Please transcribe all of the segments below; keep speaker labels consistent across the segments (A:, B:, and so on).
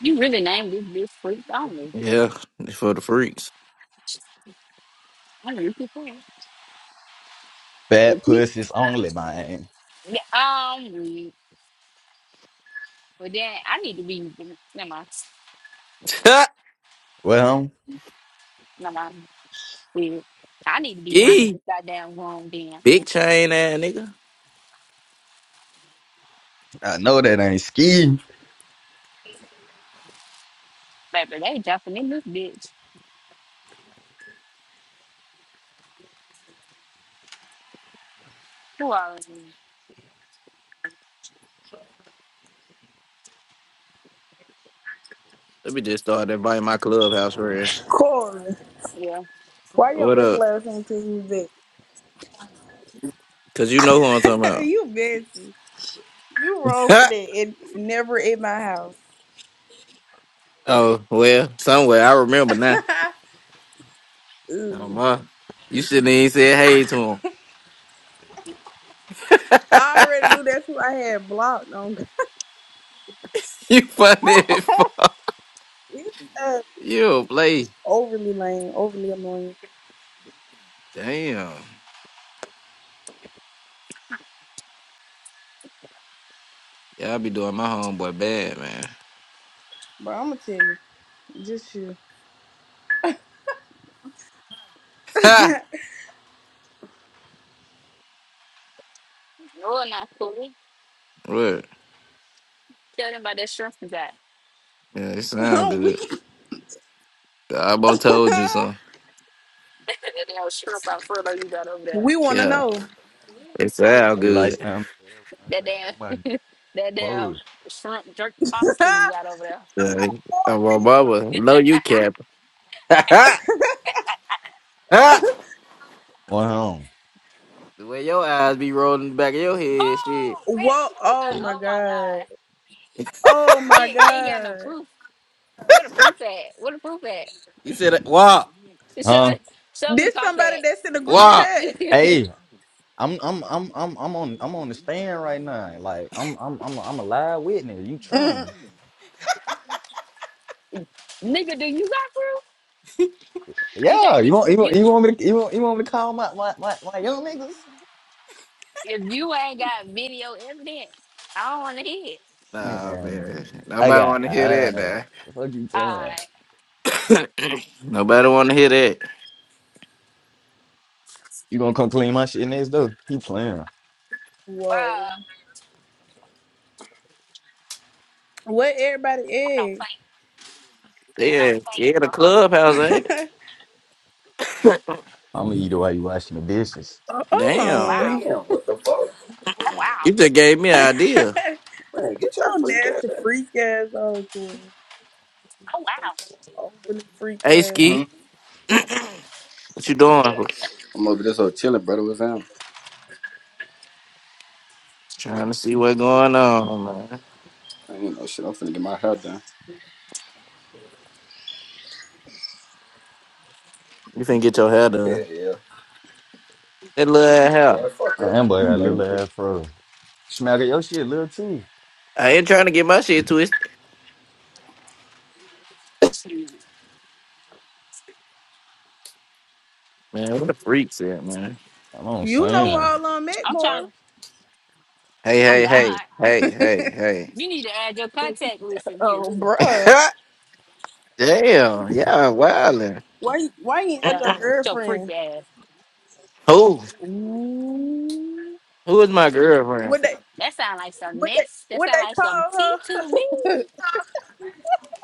A: You really named this bitch freaked on me.
B: Yeah, it's for the freaks.
A: I need to say it.
C: Bad
A: If you-
C: pussies only, man.
A: yeah, Um, weak. But then I need to be, never mind,
C: Well,
A: never mind. Weird. I need to be running
B: Yee,
A: this goddamn room then.
B: big chain ass nigga.
C: I know that ain't ski.
A: Baby, they jumping in this bitch. Who are you?
B: Let me just start inviting my clubhouse friends.
D: Corey,
A: Yeah.
D: why your
B: What up?
D: ugly ass ain't text me
B: Cause you know who I'm talking
D: back? you busy. You wrong for
B: about.
D: that. It never in my house.
B: oh well, somewhere I remember now.
D: Ugh.
B: Oh my, you shouldn't even said hey to him.
D: I already knew that's who I had blocked on.
B: you funny as fuck.
D: it's uh,
B: You don't play.
D: overly lame, overly annoying.
B: Damn, y'all be doing my homeboy bad, man.
D: But I'm gonna tell you, just you.
B: Ha.
A: No, not fully.
B: what?
A: Tell them about that shrimp you got.
B: Yeah, it sound
D: I'm
B: good.
D: weak.
B: I about told you something.
A: that damn shrimp out furlough you got over there.
D: we wanna
B: Yeah,
D: know.
B: it sound
C: You like
B: good.
C: something?
A: That damn, that
C: Mode.
A: damn shrimp jerk pasta you
D: Whoa,
A: got over there.
B: Yeah, I'm my
D: we-
B: mama. No, you cap. the
C: Well,
B: way your eyes be rolling in the back of your head, shit.
A: Oh, man.
D: Whoa! Oh my
A: Oh, my
D: god!
A: God.
D: Oh my
A: You, you ain't got no
D: god!
A: proof. What a proof at? What a proof at?
B: You said, "Wow,
A: Show,
C: huh?
A: show me the
D: This
A: car
D: somebody
A: facts.
D: that's in the group
B: wow."
D: chat.
C: Hey, I'm I'm I'm I'm I'm on I'm on the stand right now. Like I'm I'm I'm I'm a live witness. You trim.
D: Mm.
A: Nigga, do you got proof? You
C: Yeah,
A: got you,
C: you want you want
A: you
C: you want me to you want you want me to call my my my, my young niggas?
A: if you ain't got video evidence, I don't wanna hear it.
B: Nah,
C: Man,
B: man.
C: I
B: Nobody want
C: got
B: to hear
C: uh,
B: that.
C: the fuck you talking about?
A: Alright.
B: Now, nobody want to hear that.
C: You gonna come clean my shit next door? You playing?
D: Whoa!
A: Well,
D: What
A: I don't
D: everybody
A: claim I don't
B: Yeah,
A: claim
B: yeah. The
A: for her.
B: clubhouse ain't. It?
D: egg?
C: I'm gonna eat it while you washing the dishes.
D: Oh,
A: oh
B: Damn,
A: wow.
D: hold on.
E: Damn, what the fuck?
A: Oh
B: you
A: wow.
B: just gave me an idea.
E: Man,
D: you
E: get your
D: so
E: freak out!
D: nasty freak ass old Corey.
A: Oh wow.
D: Overly freak
B: Hey,
D: ass.
E: Hmm?
B: Ski, what you
A: Yeah.
B: doing?
E: I'm over this whole chilling, brother. What's down?
B: Trying to see what's going on, man.
E: I ain't no shit. I'm finna get my hair done.
B: You finna get your hair
E: Yeah,
B: done.
E: yeah.
B: That little ass
E: Boy, fuck
C: I
E: up.
C: am but a little
B: hair.
C: ass fro. Smack your shit, little too.
B: I ain't trying to get my shit twisted.
A: Shoot,
B: Man, what a freak said, man.
C: I know what I'm
D: You know where
A: shoot.
C: saying.
D: all I'm at,
A: I'm trying
D: Corey.
A: to
B: Hey,
A: oh
B: hey, hey,
A: God.
B: hey, hey,
A: You need to add your contact list in here.
D: Oh
B: hey.
D: bruh.
B: Damn, yeah, wildin'.
D: Why you why you ain't at
A: Yeah.
D: your
A: Your freak
D: girlfriend?
A: ass.
B: Who?
A: Ooh.
B: Who is my girlfriend?
D: What they
A: That sound like some
D: what they
A: mess. That
D: what
A: sound like
D: they
A: some
D: call
A: tea to me.
D: her?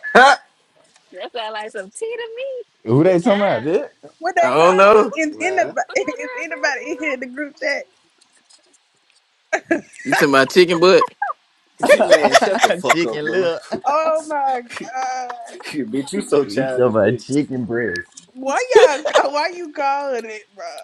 B: I
A: That sound like some tea to
C: Who
A: me. Ooh,
C: they talking about,
A: child.
C: bitch?
D: what they
A: Oh,
D: call
B: don't know.
A: girl.
D: is anybody
E: Man.
A: Who your
D: is
A: girlfriend,
D: anybody in here
A: girl?
D: in the group chat?
B: You to my chicken butt?
E: Man, shut the fuck up,
C: chicken
E: bro.
C: little.
D: Oh my god.
E: bitch, you so
C: You talking
E: childish,
C: about
E: bitch.
C: chicken breast.
D: Why y'all why you calling it, bruh?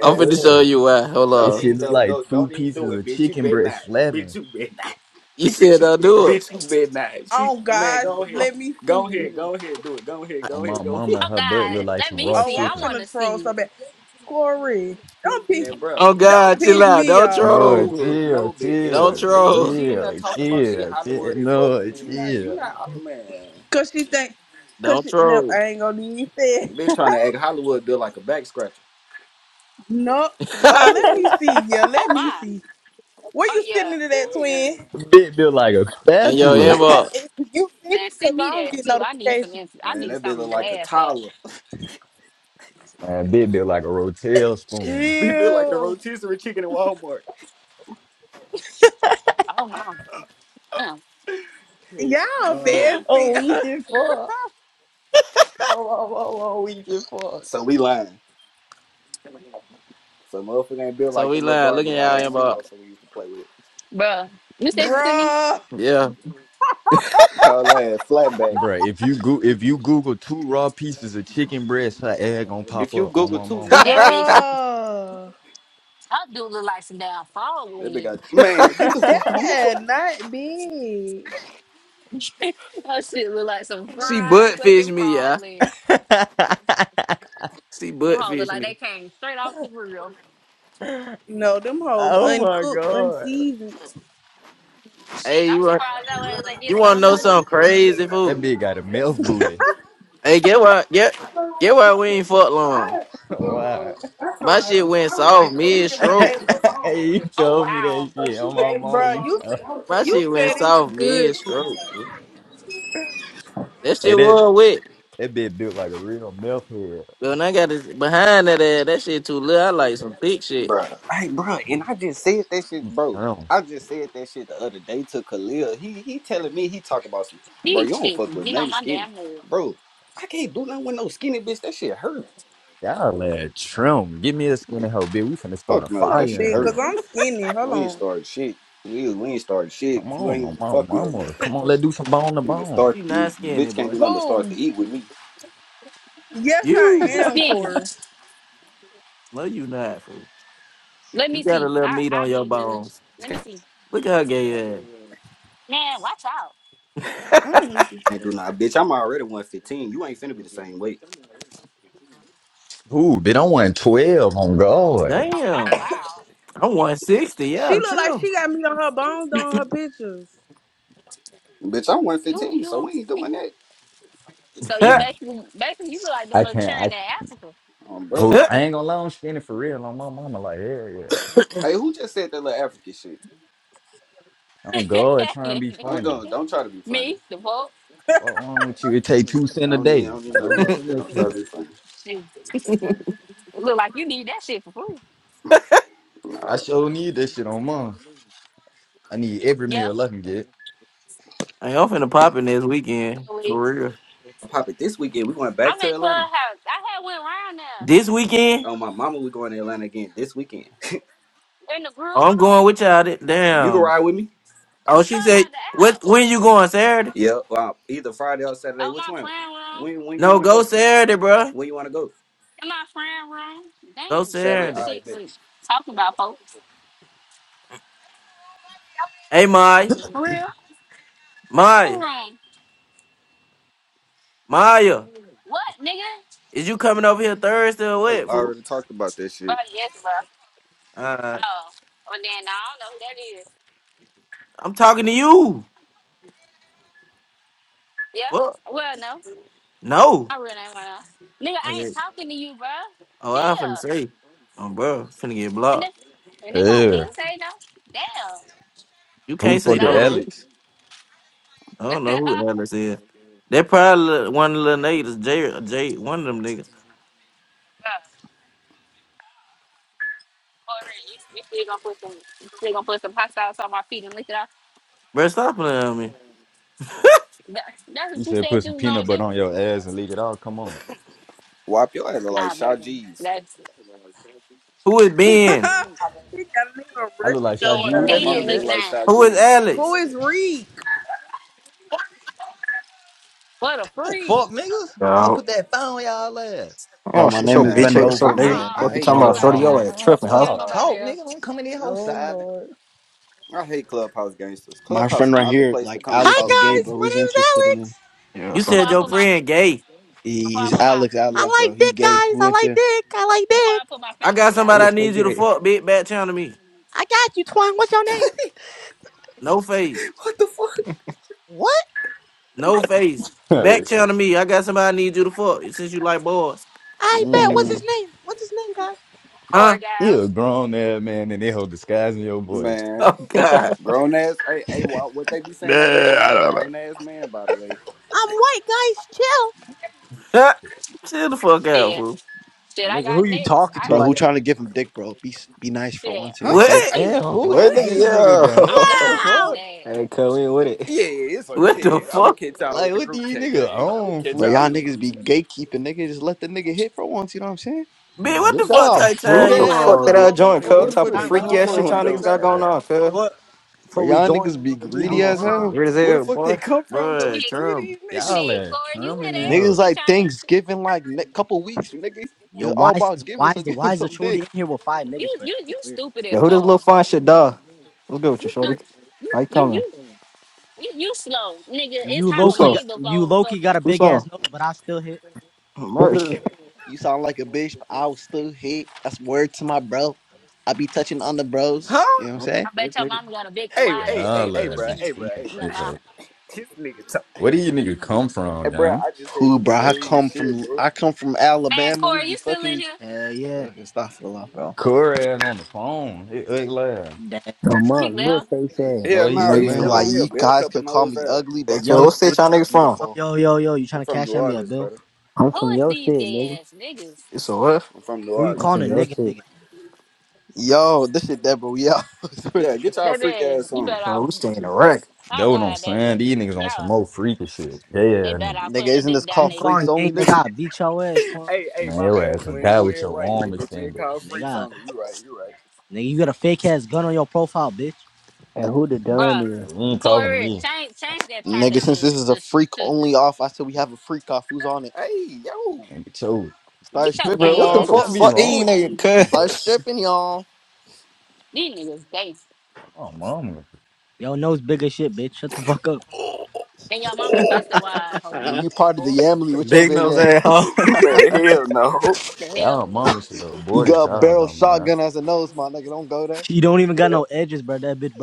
B: I'm finna show
C: Hey,
B: you why. Hold
C: that
E: Don't
B: on.
C: shit
E: even
C: look
E: no
C: like
E: no
C: two
E: don't even do
C: pieces
E: it,
C: of
E: bitch. You
C: chicken
E: bet
C: breast
E: not. Bitch,
C: flapping
E: you bet not.
B: You said don't do it.
E: Bitch, you bet not. She,
D: Oh
E: man,
D: god,
E: go ahead.
D: let me
E: Go
D: see.
E: ahead. Go ahead. Do it. Go ahead.
C: on
E: Go
C: my
E: ahead. Go ahead.
C: mama.
A: Oh,
C: Her butt look
A: God.
C: like
A: Let
C: some
A: me
C: raw
D: Oh,
A: see.
D: I'm
A: I
C: chicken.
A: want to
D: finna troll so
A: see.
D: bad. Corey, don't piss,
E: And, bruh,
B: Oh
D: don't
B: God, chill
D: piss
B: out.
D: me
B: Don't
D: off.
C: No,
E: No,
B: troll.
E: bit,
C: chill,
E: no, bit. And
B: Don't
C: chill,
E: look, and look,
B: troll.
E: she in there
C: chill,
E: talking about she
C: chill, chill.
E: Hollywood and fuck,
C: No,
E: bitch. You not, you
C: chill.
E: not, uh, man.
D: Cause she think, cause
B: Don't
D: she, no,
B: troll.
D: I ain't gonna need that.
E: Been trying to act Hollywood built like a back scratcher.
D: No. Oh, let
A: Oh,
D: me see. Yeah,
A: oh,
D: let me
A: my.
D: see. Where
A: Oh,
D: you sitting
A: yeah.
D: into that twin?
C: Bit built like a
B: In your
C: spatula.
B: inbox.
D: you 50
A: Man,
D: cause
A: send me
D: I don't
A: that,
D: get
A: too. I need some,
D: notifications.
A: int- I
E: Man,
A: need
E: that bitch look
A: something to
E: like a
A: laugh at.
E: toddler.
C: And bit built like a rotel spoon.
E: Bitch built like the
D: Chill.
E: rotisserie chicken in Walmart.
A: Oh, my. Uh,
E: Hell
D: Y'all
E: no.
D: messy.
C: Oh, we can fuck. Oh, oh, oh, oh, we can fuck.
E: So we lying. So motherfucker ain't built
B: So
E: like
B: we
E: them little
B: lying. Look
E: Barbie
B: in y'all
E: dolls
B: inbox.
E: motherfucker used to play with.
A: bruh, you sent it to me?
D: bruh.
B: Yeah.
E: Call that ass flatback.
C: Bruh, if you go if you Google two raw pieces of chicken breast, her egg gonna pop
E: If you
C: up on
E: Google
C: my
E: two
C: mama.
A: That
E: knees,
A: bitch,
D: Bruh.
A: her dude look like some damn frog
E: that bitch
A: leg.
E: got, man, get the
D: That
E: fuck on.
D: is not big.
A: her shit look like some
B: she
A: fried
B: butt fished
A: fucking
B: me,
A: frog
B: yeah.
A: leg.
B: She
A: Them
B: butt
A: hoes look
B: fished
A: like they
B: me.
A: came straight off the grill.
D: No, them hoes
C: oh my
D: uncooked,
C: god.
D: unseasoned.
A: Shit,
B: Hey,
A: I'm
B: you right.
A: surprised that was I get
B: You wanna know
A: salmonella.
B: something crazy,
C: That
B: fool?
C: bitch got a mouth booty.
B: Hey, get what? Get get why we ain't fuck
E: I
B: long.
E: uh,
C: wow.
E: I
B: My
E: told her
B: shit went
E: I was
B: soft
E: like, can you
B: mid
E: get my
B: stroke.
E: dad the phone
C: hey,
E: over
C: you
E: there?
A: Oh
C: told me
A: wow,
C: that
E: So
C: shit.
E: she
C: on my
E: gave me
C: mama,
E: the
D: Bruh,
C: you
E: phone.
D: you said
C: told
E: I was telling my
B: My
D: you
B: shit
E: sister, I
B: went
D: said it
E: was
D: was
B: soft
E: like,
D: good
B: mid
E: "It's
D: for.
B: stroke. That
C: Hey,
B: shit
C: that
B: was wet,
C: that bitch built like a real mouth head.
B: but when I got it behind that ass, that shit too little. I like some thick shit.
E: Bruh. Hey, bruh, and I just said that shit,
C: You
E: bro.
C: trim.
E: I just said that shit the other day to Khalil. He he telling me he talk about some bro,
A: these
E: you don't
A: chicks is
E: fuck with
A: getting on
E: nothing
A: my
E: skinny.
A: damn nerves.
E: Bro, I can't do nothing with no skinny bitch. That shit hurt.
C: Y'all lad, trim. Give me a skinny hoe, bitch. We finna start a
E: Fuck no,
D: Hold on,
E: that
C: fire
E: shit
C: in
D: bitch,
E: hurt.
C: here.
D: cause I'm skinny. Hold
E: We ain't
D: on.
E: started shit. We we ain't started shit.
C: Come
E: If you
C: on, on
E: ain't
C: my
E: fuck no,
C: mama. Come on, let's do some bone to
E: you can
C: bone.
E: start
B: she not
E: you
B: skinny,
E: bitch can't do
B: boy.
E: nothing but start to
D: Who?
E: eat with me.
D: Yes, I
B: You
A: Who's
D: am,
A: skinny?
D: Corey.
B: no, you not fool.
A: Let
B: You
A: me
B: got a
A: see.
B: little
A: I
B: meat
A: I
B: on your
A: be the judge.
B: bones.
A: Let me see.
B: Look at her gay
A: Man, watch out.
B: ass.
D: I don't weak as
E: ain't do
D: shit.
E: nothing, Bitch, I'm already 115. You ain't finna be the same weight.
C: Ooh, bitch, I want twelve on God.
A: Oh
B: Damn,
A: wow,
B: I'm one sixty.
D: She
B: Yeah,
D: look like
B: true.
D: she got me on her bones on her pictures.
E: Bitch, I'm
A: you
E: 115, so
A: you
E: we ain't doing that.
A: you. So you
C: And
A: basically basically you look like them
C: I
A: little
C: can't.
A: children
C: I
A: in Africa.
E: Um,
A: Oh,
C: oh,
E: bro.
A: wow.
C: I ain't gonna lie. I'm skinny for real. On my mama, like hell yeah.
E: Hey, who just said that little African shit?
C: I'm good. Trying to be
E: I'm
C: funny.
E: done. Don't try to be funny.
A: me, the vote.
C: What wrong with you? It take two cent
E: I
C: a
E: don't need I
C: day.
E: don't even
C: Go
E: know you
C: on,
E: like
C: send
E: that.
C: that
E: Don't try
C: shit.
E: to be funny.
A: Shit, look like you need that shit for free.
C: I
E: No.
C: sure need that shit on mom. I need every
A: Yeah.
C: meal I can get.
B: I ain't finna pop in this weekend
A: So
B: for
A: we,
B: real.
E: Pop it this weekend. We going back
A: I'm
E: to
A: at
E: Atlanta.
A: clubhouse. I had went round there
B: This weekend,
E: Oh my mama, we going to Atlanta again this weekend.
A: in the group.
B: I'm going with y'all. th-
E: You can
B: Damn.
E: ride with me?
B: Oh, she
A: Clubhouse
B: said,
A: the app.
B: "What? When you going Saturday?
E: Yeah. Well, either Friday or Saturday.
A: Oh
E: Which
A: my
E: one?
A: friend room.
E: When when you
B: No,
E: wanna
B: go
E: go?
B: Saturday, bruh.
E: When you wanna go?
A: Am I friend wrong? They
B: Go
A: ain't
E: Saturday,
A: doing
B: Saturday.
E: I
A: shit
E: bet.
A: but talking about folks.
B: Hey, Maya,
A: For real? Who
B: Maya,
A: wrong?
B: Maya,
A: What, nigga?
B: is you coming over here Thursday or
E: Hell,
B: what,
E: I
B: fool?
E: already talked about that shit.
A: Oh, yes, bro.
B: Uh,
A: Oh. Well, then, nah, I don't know who that is.
B: I'm talking to you.
A: Yeah?
B: Fuck.
A: Well, no.
B: No.
A: My real name right now. Nigga,
B: Oh
A: I
B: yeah.
A: ain't talking to you, bro.
B: Oh, I finna
A: Chill.
B: say, oh, bro, finna get
A: And
B: blocked.
A: if, and if I
C: Yeah.
A: didn't say no, damn.
B: You
C: Who the
B: can't
A: Oh,
B: say
C: fuck is
B: no to me.
C: Alex?
B: I don't know who
A: God.
B: Alex is. That probably one of the little niggas, Jay, Jay, one of them niggas.
A: Bro, For real, you, you still gonna put some, you still gonna put some hot sauce on my feet and lick it off.
B: Bro, stop playing on me.
A: That, that's
C: He
A: what you
C: said put
A: said you
C: some
A: was
C: peanut
A: gonna
C: butter
A: do.
C: on your ass and leave it all. Come on.
E: Wop your ass look like
A: Nah,
E: Sha
A: baby,
E: G's.
A: that's.
B: Who is Ben?
F: Hi
D: She got me a
C: I look like
D: rushing
C: Shaq.
A: Then
E: Oh
C: Who
E: my
D: your
C: that
D: ass.
C: is,
E: mama,
A: can
E: you
C: bitch?
A: looking
E: look like
A: at
E: Sha
A: him.
B: Who is
E: G's.
D: Who
B: Alex?
D: is Reek?
A: What a
C: Oh
A: freak.
C: fuck, niggas. Fuck, I
G: Yeah,
C: put that phone on y'all ass.
H: Bro,
G: yeah,
H: my
G: shut your
H: name is
E: Man,
H: Bend
G: bitch
E: bro,
G: ass up,
H: Over,
E: I
G: nigga.
E: hate
H: bro.
A: Uh-uh.
E: I
G: Fuck, you
H: Like,
E: hate
A: Get
G: talking
A: him up
H: calm
G: about?
A: out of
G: Shorty
E: clubhouse
A: here.
G: your
H: down.
C: What
G: ass
E: gangsters.
C: wrong
E: I
C: with
G: tripping,
E: swear
G: huh?
A: Get
E: to
A: him
C: y'all?
A: up
E: God,
A: out of
C: Talk,
A: here.
C: nigga. Don't come in here whole
D: Oh
C: side.
D: Lord.
E: I hate clubhouse gangsters.
H: My
E: Clubhouse
H: friend
E: is
H: right
E: not the
H: here,
E: place to
H: like
E: come and
H: Alex
E: talk
H: is gay,
F: guys,
H: bro.
E: gangster.
F: my
H: Who's
F: name is
H: interested in him?
F: Alex.
G: Yeah,
B: You
A: Before
G: something
B: said
A: I
G: like
B: your
A: put
G: that.
A: my
G: Shit.
B: friend gay.
H: He-
A: before I
H: He's
A: put my
H: Alex, Alex,
F: I
H: bro.
F: like
H: He
F: dick,
H: gay.
F: guys.
H: Who
F: I like
H: into?
F: dick. I like
A: before I
F: dick.
A: put my
B: I
A: finger up,
B: got
A: y'all
G: What
B: somebody
G: the
B: I
A: do.
G: fuck
B: need you to
G: is it?
B: fuck, bitch. Back channel me.
F: I got you, Twine. What's your name?
B: No face.
E: What the fuck?
F: What?
B: No face. Back channel me. I got somebody I need you to fuck since you like boys.
F: I bet. What's his
H: Mm,
F: name? What's his name, guys?
A: Poor
B: Huh?
C: You
A: guys.
C: a grown ass man and they hold disguising your voice.
E: Man,
B: Oh, God.
E: grown ass. Hey, hey, what what they be
F: Nah,
E: saying on
F: I
E: Instagram?
F: don't know.
E: Grown ass man, by the way.
F: I'm white, guys. Chill.
B: Chill the fuck out,
A: Shit.
B: fool.
A: Shit, I got next. I
H: bro, who trying to give him dick, bro? Be be nice for
A: shit.
H: once, you know what I'm
E: Huh?
H: saying?
B: What?
E: Hey,
A: Shit.
C: Man,
G: What
C: who
E: wait, what?
C: is this nigga
G: nigga?
A: Oh
C: gang? What
A: God,
C: the
A: who is
F: Ow.
C: fuck?
A: that?
G: Yeah. hey, cuz, we ain't with it.
E: Yeah, it's a,
B: What the
E: yeah. I'm gonna
B: fuck?
E: catch y'all in
C: Like
E: the
C: what
E: group
C: these
E: chat,
C: nigga
E: gang. I'm gonna
C: own,
E: catch
H: Bro,
E: y'all
H: y'all
E: in the
C: fool?
H: niggas
E: group
H: be
E: chat.
H: gatekeeping, nigga. Just let the nigga hit for once, you know what I'm saying?
B: Bitch,
C: Man,
B: what the
C: get
B: fuck
C: y'all
A: Gay.
B: type
G: Bro,
C: fruit
G: what
B: time
A: Oh
G: the
B: you
A: my
C: ass
G: fuck
B: on,
G: did I
B: bitch?
C: on nigga
G: join,
E: Hey,
C: for
E: where
G: cuz?
E: the
C: nigga
G: Type
E: fuck
G: of
E: they
C: put sign
G: freak
E: come
C: on
G: ass shit
C: y'all
E: from
G: y'all
C: bitch
G: niggas
E: though?
G: got going
C: ass.
G: on, cuz.
H: Bro,
F: Before we
H: y'all
F: join,
H: niggas
F: joining
H: be
F: over me,
G: I'm
H: greedy
F: bitch.
H: as
F: Hold
G: motherfucking
F: on.
H: hell.
G: weird as
E: Where the
G: hell,
E: fuck they
G: boy.
E: come from though?
B: Bruh,
E: It's
A: shit.
E: three of
B: Trump.
E: these niggas,
C: Y'all
A: Shit,
C: are
A: Corey, you hear
C: trimming in
H: Niggas
A: that?
C: hoe.
A: He
H: like
A: trying
H: Thanksgiving, like ne- couple weeks, nigga. It's all about
F: is
H: giving, so give him some dick.
A: to you you
F: Shit
A: you
F: weird.
A: stupid at
G: Yo, who this
A: fuck.
G: little fine shit, dog? What's good with you,
A: You
G: shorty?
A: stupid. You
G: How you
A: you
G: coming?
A: you you, you slow, nigga. It's
G: Who's up?
A: Halloween before fucking
G: Who's up? Merch.
I: Brr.
H: You sound like a bitch, but I will still hit. That's word to my bro. I be touching on the bros. You
E: huh?
H: know what I'm
G: what the
A: I
H: saying?
G: fuck,
A: bet your
G: nigga?
A: mama got a big
E: Hey,
A: wide
E: hey,
A: ass
E: hey,
C: Y'all
A: coochie
E: hey,
A: when
C: are
E: bro,
C: be
A: she,
E: hey, bro,
C: tweaking
E: hey,
C: in
E: bro.
A: yeah,
C: this
A: mom.
C: hoe.
E: this nigga talking.
C: Where do you nigga come from,
E: Hey, bro,
C: gang?
E: I just said
H: Who,
E: the
H: bro? I
E: same
H: come
E: shit,
H: from
E: bro.
H: I come from
A: Man,
H: Alabama. We
A: Corey,
H: be
A: you still
H: fucking
A: in
H: each.
A: here?
H: Fucking stop it, a lot, bro.
C: Corey ass on the phone. He ugly laugh.
I: Yo,
A: He
I: mom, little
A: left.
I: face ass.
C: No,
E: Hell
C: he
E: no,
C: still
E: he's
C: in
H: Nigga,
E: still
H: like
C: her.
E: on here.
H: you
E: Bell
H: guys
E: pepper
H: could call
E: nose
H: me
E: ass.
H: ugly,
G: Hey,
H: but
G: cuz, what
H: this
G: state
H: dick
G: y'all
H: is
G: niggas from?
H: beautiful.
E: I'm from New Orleans, brother.
I: I'm
A: Who
I: from
A: is
I: your
A: these
I: shit, nigga.
A: gay ass niggas?
G: It's a what?
E: I'm from New
I: I'm
E: Orleans,
I: from your
E: bitch.
I: shit.
H: Yo, this shit that bro. Yo, I swear to
E: Yeah, get
H: God.
E: y'all freak
A: Baby,
E: ass
A: you
G: Hey,
A: better
E: on.
G: cuz,
A: off.
G: we staying in the wreck.
A: Oh
C: That what I'm
A: God,
C: saying.
A: baby,
C: These niggas on some
A: y'all,
C: more freaky shit. Yeah,
A: they
C: yeah.
A: better
C: nigga.
A: off
H: nigga,
A: putting a
H: isn't this
A: dick down
H: called
A: their
H: freaks
A: throat,
H: only, nigga?
E: hey, hey,
C: Man,
E: my
C: your
E: bad,
C: ass will
E: twin.
C: die
E: You
C: with
E: ain't
C: your
E: right. This
C: arm
E: bitch ain't called
C: extended.
E: freaks only. You right, you right.
I: And who the done
A: bruh.
I: is?
C: You ain't talking to
A: Corey,
C: me.
A: change change that title
H: Nigga, since
A: to
H: this is a
A: to
H: freak
A: to
H: only off, I said we have a freak off. Who's on it?
E: Hey, yo.
C: And chose.
H: Start
A: get your
H: stripping,
C: Bro, what
A: gay
C: the
G: Yo,
A: ass
H: y'all.
G: Who the
C: fuck
A: on.
C: be
G: fuck
C: wrong
G: these
C: with
G: niggas,
C: these niggas,
G: cuz?
H: Start
C: bro?
H: stripping, y'all.
A: These niggas gay.
C: Come on, mama.
A: And your mama pussy wide hoe. What
G: Uh,
H: You
A: The
H: part of the
A: fuck?
H: Yamly with your
G: Big
H: big
G: nose
H: ass.
G: at asshole.
E: Man, hell no.
A: The hell?
C: Y'all mama should have
H: You
C: aborted
H: got
C: y'all,
H: barrel
C: dumb man.
H: shotgun as a nose, my nigga. Don't go there.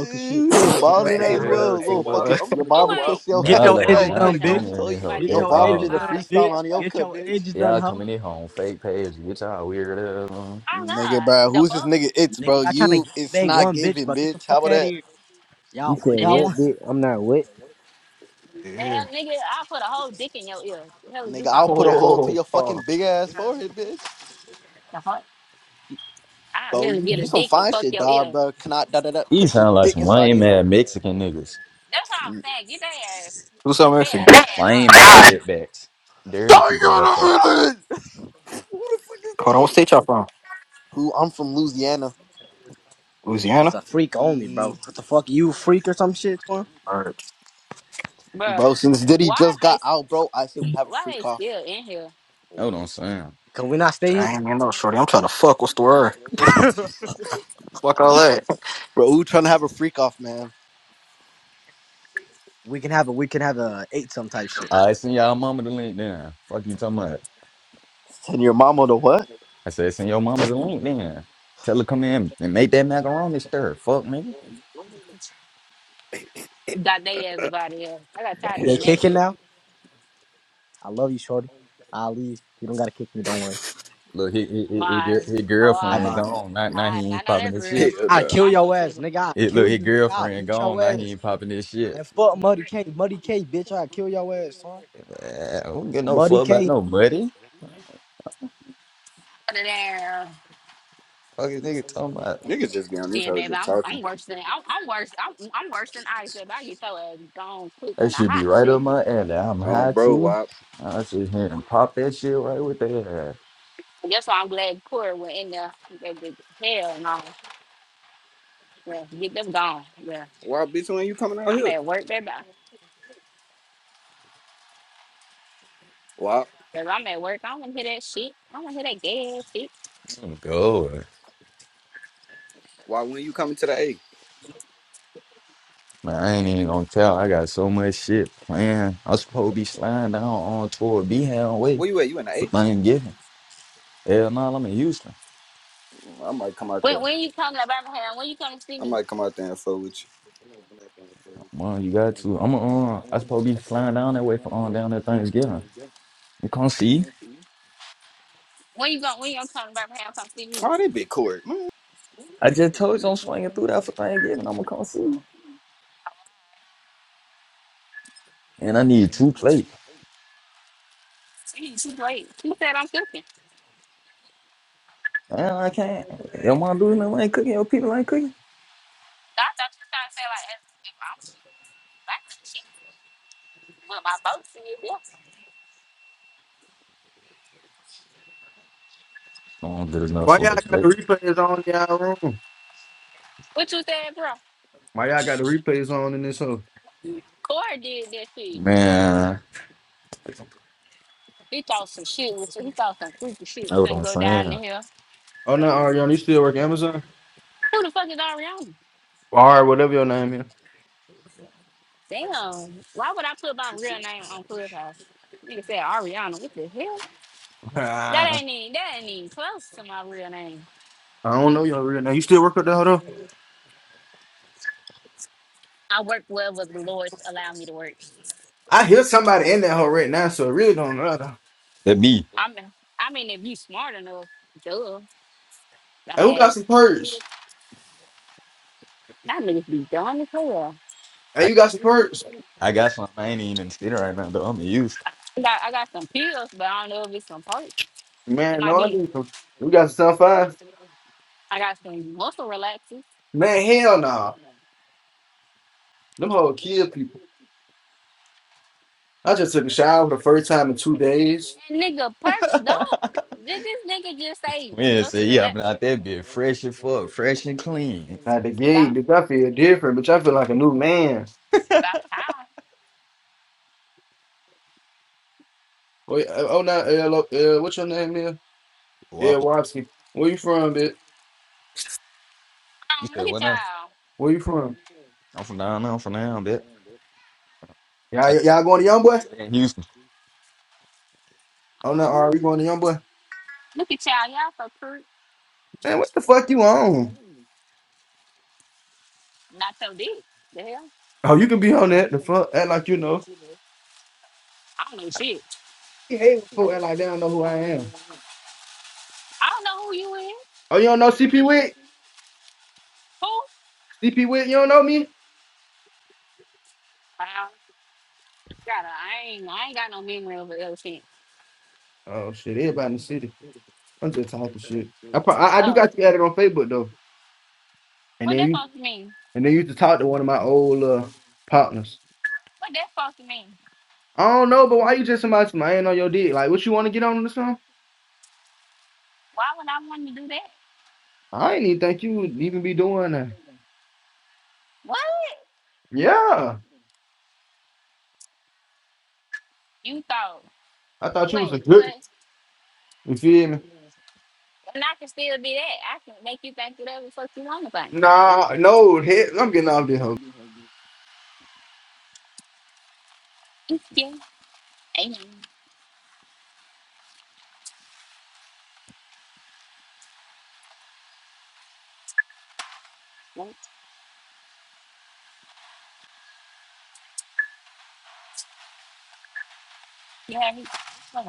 H: Ooh, she
E: Man,
H: balding
E: hey,
H: as
E: bro.
H: well.
E: Hey,
H: Little
E: Wop.
H: fucking
E: I'm
H: your
E: finna
A: Oh
E: go,
H: barber
E: Wop.
A: wait.
H: pushed your
C: Y'all
H: ass
C: let
A: All
C: her
E: Wop,
H: back.
A: right,
E: I'm
C: not
A: watch
E: finna
A: out.
H: He
C: funny
E: go.
C: in
H: told
C: this
H: you
C: hoe
A: Watch this.
H: your
C: at
H: barber did a
C: all.
A: All right,
H: freestyle
A: man.
H: on your cut, bitch.
C: Y'all coming in here on fake page, and get y'all weird ass on.
A: Oh
H: Nigga, bro,
A: God, the
H: who's this
A: fuck?
H: nigga? It's bro. You, it's not giving, bitch. How about that,
I: You said
A: The hell?
I: what, bitch? I'm not what?
A: The hell,
G: yeah.
A: nigga, I put a whole dick in your ear. The hell is you
H: nigga? I'll
A: talking
H: put a
A: about?
H: hole to
G: oh,
H: your fucking
G: Paul.
H: big ass forehead, bitch.
A: The fuck? I
H: Bro,
A: really
H: you,
A: get
H: you
A: a
H: some
A: dick and
H: fine
A: fuck
H: shit,
A: your
H: dog,
A: ear.
H: bro. Can I da da da
C: These
H: put this
C: sound like
H: dick
C: some
H: inside
C: lame
H: you
C: ass
H: though?
C: Mexican niggas.
A: That's all I'm
H: Dang
A: saying. Get their ass,
G: Who's so
A: their
G: Mexican?
A: ass out
C: Lame ass
A: of
G: Hold
C: wetbacks. Dirty people
H: on
C: ass
H: a
C: fuckers.
H: minute.
E: Who the fuck is
G: on, what
E: that?
G: state y'all from?
H: Who? I'm from Louisiana.
G: Louisiana?
H: Yeah. yeah, yeah.
G: Alright.
A: dodge, Bruh,
H: Bro, since Diddy
A: Why
H: just
A: is they,
H: got out, bro, I say we have a
A: why they
H: freak off.
A: still in here?
C: Hold on, Sam.
G: I ain't even know, shorty. I'm trying to fuck. What's the word? Fuck all that.
H: Bro, who trying to have a freak off, man?
C: I send y'all mama the link then. Fuck you talking about?
H: Send your mama to what?
C: I said, send your mama the link then. Tell her come in and make that macaroni stir. Fuck, nigga.
A: Got their ass about here. I got tired of hearing
E: Hell
A: that shit.
E: no.
C: Look, his, his, his,
A: Why?
C: his his
A: Oh, all
C: girlfriend
A: right,
C: gone. Now,
A: all
C: now
A: right.
C: he
A: I
C: ain't
A: know
C: popping
A: that's
C: this
A: real.
C: shit.
E: Hell
A: Get with
E: no.
A: my motherfucker.
C: It, look, his girlfriend gone. Now he ain't popping this shit. Man, I don't get no fuck about no money.
A: Out of there.
C: Fucking nigga talking about
E: Niggas just be on this
A: Shit,
E: hoe
A: baby,
E: just
A: I'm
E: talking.
A: I'm worse than I'm, I'm worse. I'm, I'm worse than Ice. Baby, I get your ass gone quick
C: that
A: in a
C: should be
A: hot
C: right up
A: second.
C: my alley. I'm
E: Um,
C: high
E: bro,
C: too.
E: Wop.
C: I sit here and pop that shit right with that.
A: That's why I'm glad Corey went in there. They did- Hell no. Yeah, get them gone. Yeah.
E: Wop, bitch, when you coming out
A: I'm
E: here?
A: at work, baby.
E: Why?
A: Because I'm at work. I don't want to hear that shit. I don't want to hear that gay ass shit.
C: I'm going.
E: Why? When you coming to the A?
C: Man, I ain't even gonna tell. I got so much shit planned. I'm supposed to be sliding down on tour Be Way
E: Where you at? You in the
C: for
E: H?
C: Thanksgiving. Hell no, I'm in Houston.
E: I might come out
A: When,
E: there.
A: when you come to Birmingham, when you come to see
E: I
A: me?
E: might come out there and fuck with you.
C: Man, you got to. I'm uh, I supposed to be flying down that way for on down there Thanksgiving. You can't see.
A: When you going when you gonna come to Birmingham come see me?
E: Oh, they big court.
C: I just told you I'm swinging through that for Thanksgiving. I'm gonna come see. you. And I need two plates.
A: She, she's late. She said I'm cooking.
C: Man, I can't. Your mom doing nothing ain't cooking. Your people ain't cooking.
A: I thought you were trying to say like if if I'm back to shit with my boat see you. Yeah.
C: So I'm good enough
J: Why
C: for
J: y'all
C: it.
J: got
C: baby.
J: the replays on in y'all room?
A: What you said, bro?
J: Why y'all got the replays on in this hoe?
A: Corey did that shit.
C: Man,
A: He thought some shit was he thought some freaky shit
C: that's
A: was
C: what
A: gonna
C: I'm
A: go down the
C: saying.
A: hill
J: Oh no,
A: and
J: Ariana, you still work at Amazon?
A: who the fuck is Ariana?
J: Or whatever your name is.
A: Damn. Why would I put my real name on Clubhouse? Nigga said Ariana. What the hell? That
J: I
A: ain't even that ain't even close to my real name.
J: don't know your real name. You still work at that hoe though?
A: I work well with the Lord allow me to work.
J: I hear somebody in that hoe right now, so it really don't matter.
C: That be.
A: I mean I mean if you smart enough, duh. I
J: Hey, who
A: mean
J: got some perks?
A: that niggas be dumb as hell.
J: Hey,
C: I
J: you got some perks?
C: I got something I ain't even sitting right now, though. I'm used.
A: I got, I got some pills, but I don't know if it's some perks. It
J: Man,
A: might
J: no, I
A: be.
J: need some. We got some five.
A: I got some muscle relaxers.
J: Man, hell no. Them whole kill people. I just took a shower for the first time in two days.
A: And nigga, perks don't. Did this nigga just say
C: Man, say
A: muscle
C: yeah, I'm
A: relaxers
C: out there being fresh and fuck, fresh and clean.
J: At the
A: about
J: gate, bitch, I feel different, bitch. I feel like a new man.
A: about time?
J: Wait, uh, oh, now, uh, lo- uh, what's your name is? Yeah,
C: Whopper.
J: Watson. Where you from, bitch?
C: You
A: Um,
C: said
A: look
C: what
A: at
C: now?
J: Where you from?
C: I'm from down there. I'm from down, bitch.
J: Y'all, y'all going to Youngboy?
C: in Houston.
J: Oh no,
A: y'all.
J: are we going to Youngboy?
A: Look at y'all. Y'all so pert.
J: Man, what the fuck you on?
A: Not so deep. The hell?
J: Oh, you can be on that. The fuck? Act like you know.
A: I don't know shit.
J: You hate when folk act like they don't know who I am.
A: I don't know who you is.
J: Oh, you don't know CP Wick?
A: Who?
J: CP Wick, you don't know me?
A: Wow. Gotta, I ain't, I ain't got no memory of an elephant.
J: Oh, shit. Everybody in the city. I'm just talking shit. I, pro- I I do
A: Oh,
J: got you added on Facebook though, and
A: what
J: then
A: that
J: you
A: supposed to mean?
J: and then you used to talk to one of my old uh, partners.
A: What that supposed to mean?
J: I don't know, but why you just somebody man on your dick? Like, what you want to get on or something?
A: Why would I want to do that?
J: I ain't even think you would even be doing that.
A: What?
J: Yeah.
A: You thought,
J: I thought you was a
A: wait,
J: good.
A: what?
J: You feel me?
A: And I can still be that. I can make you think whatever the fuck you want to
J: Nah, no, head, I'm getting off this hoe.
A: think. Yeah. Amen. You hear me?